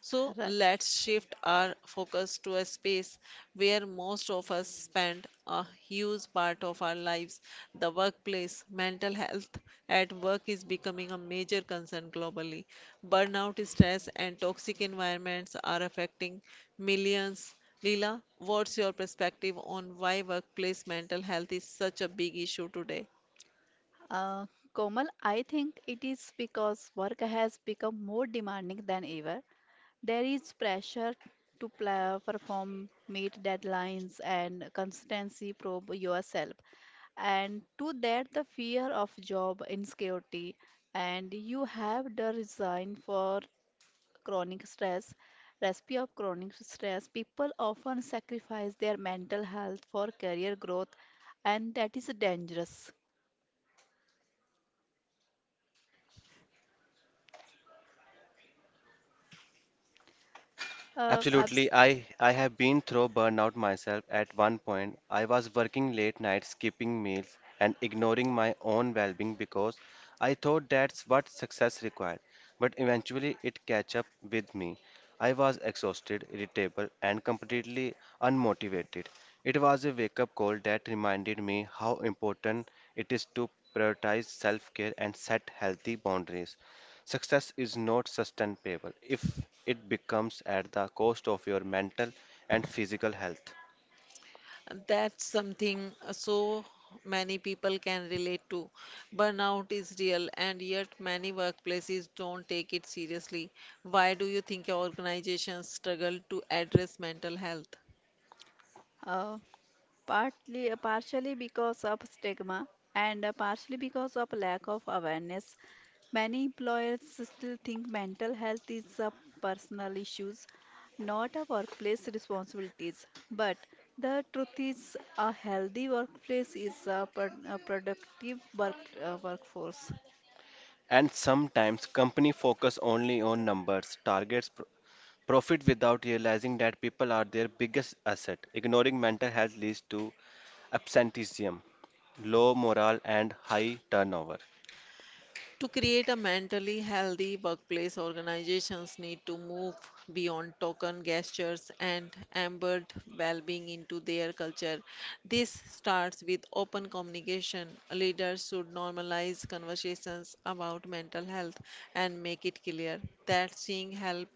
Speaker 1: So
Speaker 2: Right.
Speaker 1: let's shift our focus to a space where most of us spend a huge part of our lives the workplace. Mental health at work is becoming a major concern globally. Burnout, stress, and toxic environments are affecting millions. Leela, what's your perspective on why workplace mental health is such a big issue today?
Speaker 2: Uh, Komal, I think it is because work has become more demanding than ever. There is pressure to pla perform, meet deadlines, and constantly probe yourself. And to that, the fear of job insecurity, and you have the reason for chronic stress. Chronic stress. People often sacrifice their mental health for career growth, and that is dangerous. Uh, abs-
Speaker 3: Absolutely. I have been through burnout myself at one point. I was working late nights, skipping meals, and ignoring my own well being because I thought that's what success required. But eventually, it catch up with me. I was exhausted, irritable, and completely unmotivated. It was a wake up call that reminded me how important it is to prioritize self care and set healthy boundaries. Success is not sustainable if it becomes at the cost of your mental and physical health.
Speaker 1: That's something so many people can relate to. Burnout is real, and yet many workplaces don't take it seriously. Why do you think organizations struggle to address mental health?
Speaker 2: uh, partly partially because of stigma and partially because of lack of awareness, many employers still think mental health is a personal issues, not a workplace responsibilities, but the truth is a healthy workplace is a productive workforce.
Speaker 3: And sometimes companies focus only on numbers, targets, profit without realizing that people are their biggest asset. Ignoring mental health leads to absenteeism, low morale, and high turnover.
Speaker 1: To create a mentally healthy workplace, organizations need to move beyond token gestures and embed well being into their culture. This starts with open communication. Leaders should normalize conversations about mental health and make it clear that seeing help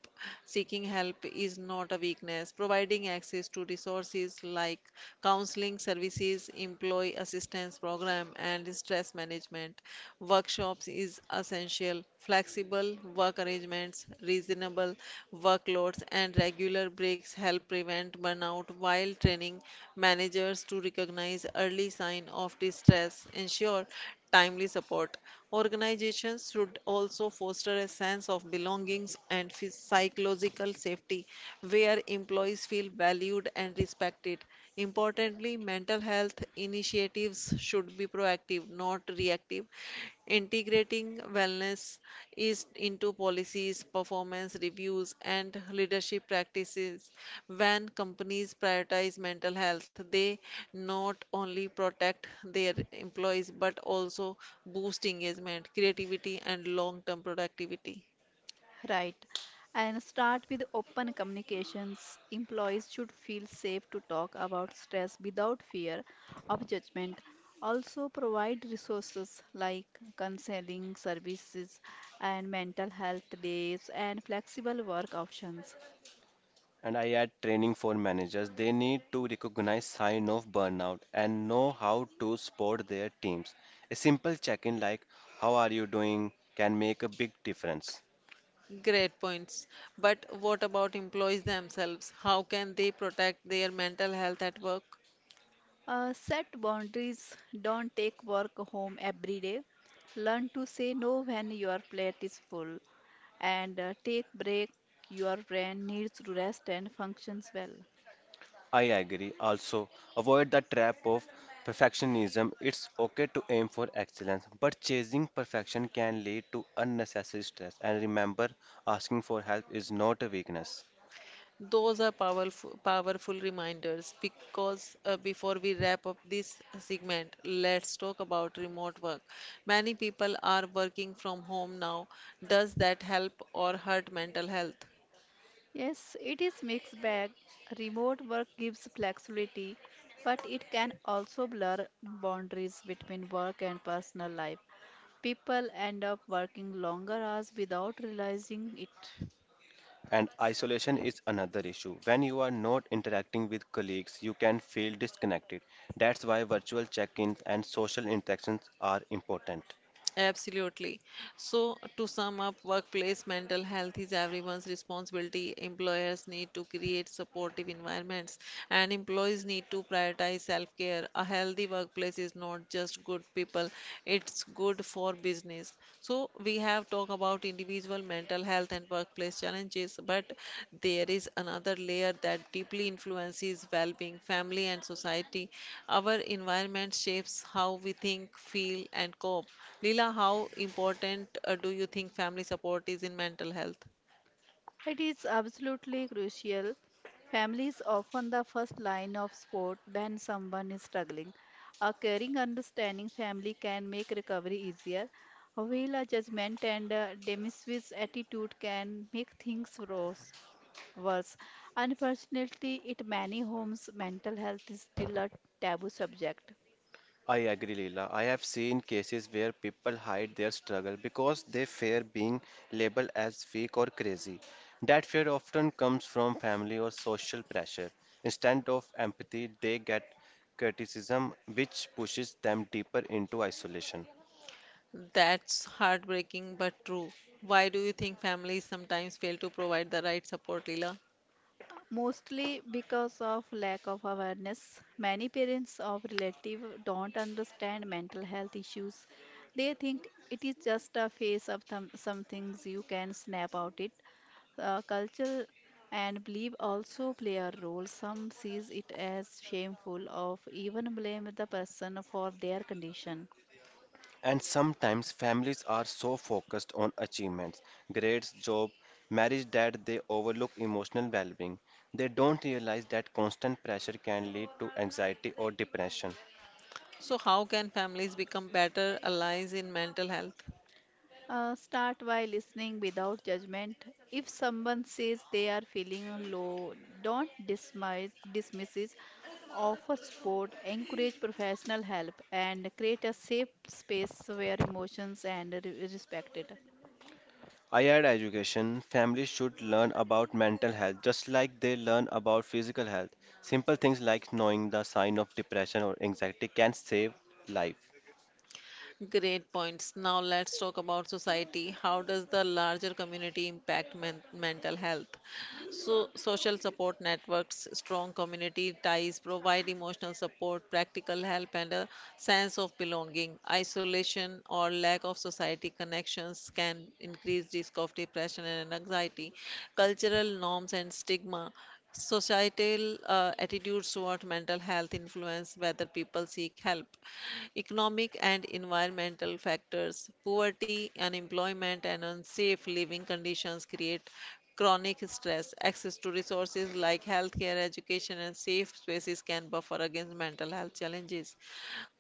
Speaker 1: seeking help is not a weakness providing access to resources like counseling services employee assistance program and stress management workshops is essential. Flexible work arrangements, reasonable workloads, and regular breaks help prevent burnout while training managers to recognize early signs of distress, ensure timely support. Organizations should also foster a sense of belongings and psychological safety where employees feel valued and respected. Importantly, mental health initiatives should be proactive, not reactive. Integrating wellness is into policies, performance reviews, and leadership practices. When companies prioritize mental health, they not only protect their employees but also boost engagement, creativity, and long term productivity.
Speaker 2: Right. And start with open communications. Employees should feel safe to talk about stress without fear of judgment. Also, provide resources like counseling services and mental health days and flexible work options.
Speaker 3: And I add training for managers. They need to recognize sign of burnout and know how to support their teams. A simple check-in like how are you doing can make a big difference.
Speaker 1: Great points. But what about employees themselves? How can they protect their mental health at work?
Speaker 2: Set boundaries. Don't take work home every day. Learn to say no when your plate is full, and take break, your brain needs to rest and functions well.
Speaker 3: I agree. Also, avoid the trap of perfectionism. It's okay to aim for excellence, but chasing perfection can lead to unnecessary stress. And remember, asking for help is not a weakness.
Speaker 1: Those are powerful reminders because before we wrap up this segment, let's talk about remote work. Many people are working from home now. Does that help or hurt mental health?
Speaker 2: Yes, it is mixed bag. Remote work gives flexibility, but it can also blur boundaries between work and personal life. People end up working longer hours without realizing it.
Speaker 3: And isolation is another issue. When you are not interacting with colleagues, you can feel disconnected. That's why virtual check ins and social interactions are important.
Speaker 1: Absolutely. So, to sum up, workplace mental health is everyone's responsibility. Employers need to create supportive environments, and employees need to prioritize self-care. A healthy workplace is not just good people, it's good for business. So, we have talk about individual mental health and workplace challenges, but there is another layer that deeply influences well being, family, and society. Our environment shapes how we think, feel, and cope. Leela, how important do you think family support is in mental health?
Speaker 2: It is absolutely crucial. Family is often the first line of support when someone is struggling. A caring, understanding family can make recovery easier, while a judgment and a dismissive attitude can make things worse. Unfortunately, in many homes, mental health is still a taboo subject.
Speaker 3: I agree, Leela. I have seen cases where people hide their struggle because they fear being labeled as weak or crazy. That fear often comes from family or social pressure. Instead of empathy, they get criticism, which pushes them deeper into isolation.
Speaker 1: That's heartbreaking but true. Why do you think families sometimes fail to provide the right support, Leela?
Speaker 2: Mostly because of lack of awareness, many parents of relative don't understand mental health issues. They think it is just a phase of some things you can snap out it. Culture and belief also play a role. Some sees it as shameful of even blame the person for their condition.
Speaker 3: And sometimes families are so focused on achievements, grades, job, marriage that they overlook emotional well being. They don't realize that constant pressure can lead to anxiety or depression.
Speaker 1: So, how can families become better allies in mental health?
Speaker 2: Start by listening without judgment. If someone says they are feeling low, don't dismisses. Offer support, encourage professional help, and create a safe space where emotions and respected.
Speaker 3: I add education, families should learn about mental health just like they learn about physical health. Simple things like knowing the sign of depression or anxiety can save life.
Speaker 1: Great points. Now let's talk about society. How does the larger community impact mental health? So, social support networks, strong community ties provide emotional support, practical help, and a sense of belonging. Isolation or lack of society connections can increase risk of depression and anxiety. Cultural norms and stigma societal attitudes toward mental health influence whether people seek help. Economic and environmental factors, poverty, unemployment, and unsafe living conditions create chronic stress. Access to resources like healthcare, education, and safe spaces can buffer against mental health challenges.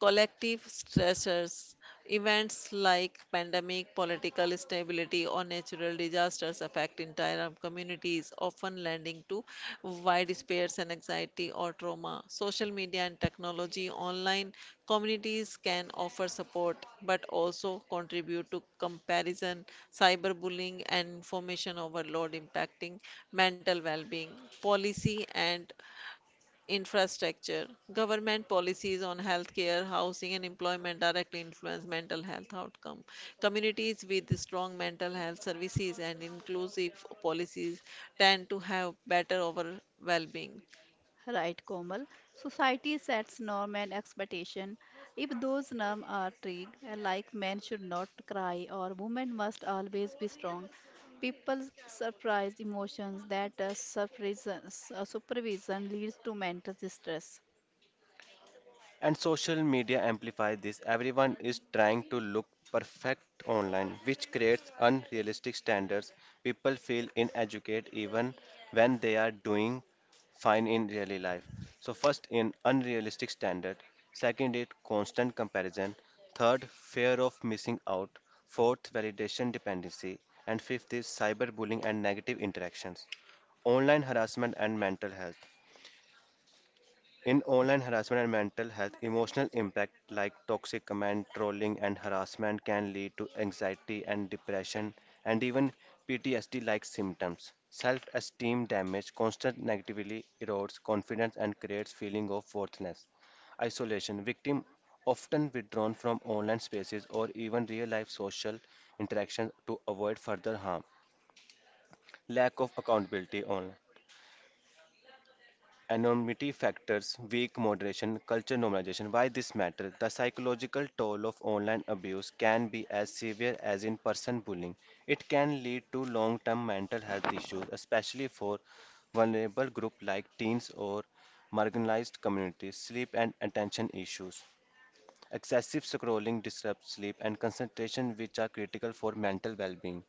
Speaker 1: Collective stressors, events like pandemic, political instability, or natural disasters affect entire communities, often leading to wide despairs and anxiety or trauma. Social media and technology, online communities can offer support but also contribute to comparison, cyberbullying, and information overload impacting mental well being. Policy and infrastructure. Government policies on healthcare, housing, and employment directly influence mental health outcome. Communities with strong mental health services and inclusive policies tend to have better overall well-being.
Speaker 2: Right, Komal. Society sets norm and expectation. If those norms are strict, like men should not cry or women must always be strong, people surprise emotions that supervision leads to mental distress.
Speaker 3: And social media amplify this. Everyone is trying to look perfect online, which creates unrealistic standards. People feel inadequate even when they are doing fine in daily life. So first in unrealistic standard, second it constant comparison, third fear of missing out, fourth validation dependency, and fifth is cyberbullying and negative interactions, online harassment and mental health. In online harassment and mental health, emotional impact like toxic comment, trolling, and harassment can lead to anxiety and depression and even PTSD like symptoms. Self esteem damage constant negatively erodes confidence and creates feeling of worthlessness. Isolation victim often withdrawn from online spaces or even real life social interactions to avoid further harm. Lack of accountability online. Anonymity factors, weak moderation, culture normalization. Why this matter? The psychological toll of online abuse can be as severe as in person bullying. It can lead to long term mental health issues, especially for vulnerable groups like teens or marginalized communities, sleep and attention issues. Excessive scrolling disrupts sleep and concentration, which are critical for mental well being.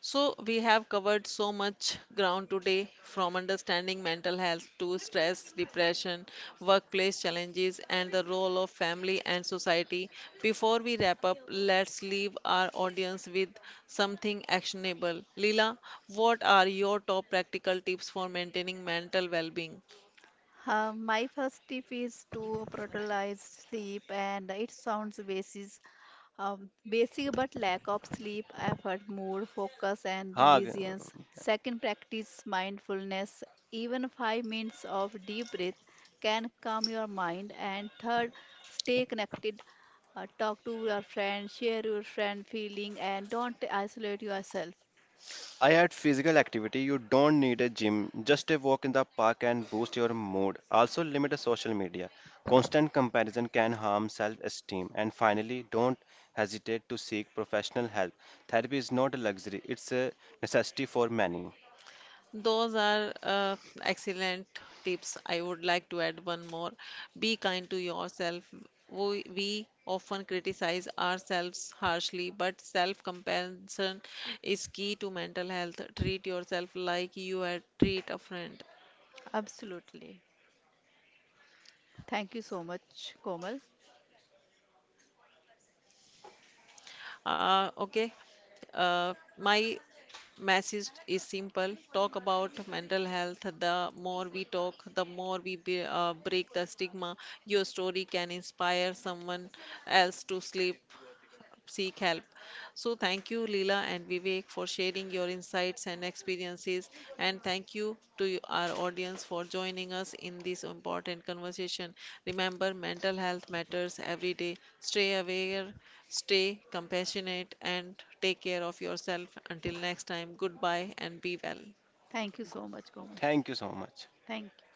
Speaker 1: So, we have covered so much ground today from understanding mental health to stress, depression, workplace challenges, and the role of family and society. Before we wrap up, let's leave our audience with something actionable. Leela, what are your top practical tips for maintaining mental well being?
Speaker 2: My first tip is to prioritize sleep, and it sounds basic, but lack of sleep, affect mood, focus, and
Speaker 3: हाँ.
Speaker 2: resilience. Second, practice mindfulness. Even 5 minutes of deep breath can calm your mind. And third, stay connected. Talk to your friend, share your friend feeling, and don't isolate yourself.
Speaker 3: I add physical activity. You don't need a gym. Just a walk in the park can boost your mood. Also, limit the social media. Constant comparison can harm self esteem. And finally, don't hesitate to seek professional help. Therapy is not a luxury, it's a necessity for many.
Speaker 1: Those are excellent tips. I would like to add one more. Be kind to yourself. We often criticize ourselves harshly, but self-compassion is key to mental health. Treat yourself like you had treat a friend.
Speaker 2: Absolutely. Thank you so much, Komal.
Speaker 1: Okay. My message is simple. Talk about mental health. The more we talk, the more we break the stigma. Your story can inspire someone else to sleep seek help. So, thank you, Leela and Vivek, for sharing your insights and experiences. And thank you to our audience for joining us in this important conversation. Remember, mental health matters every day. Stay aware, stay compassionate, and take care of yourself. Until next time, goodbye and be well.
Speaker 2: Thank you so much, Komal.
Speaker 3: Thank you so much.
Speaker 2: Thank you.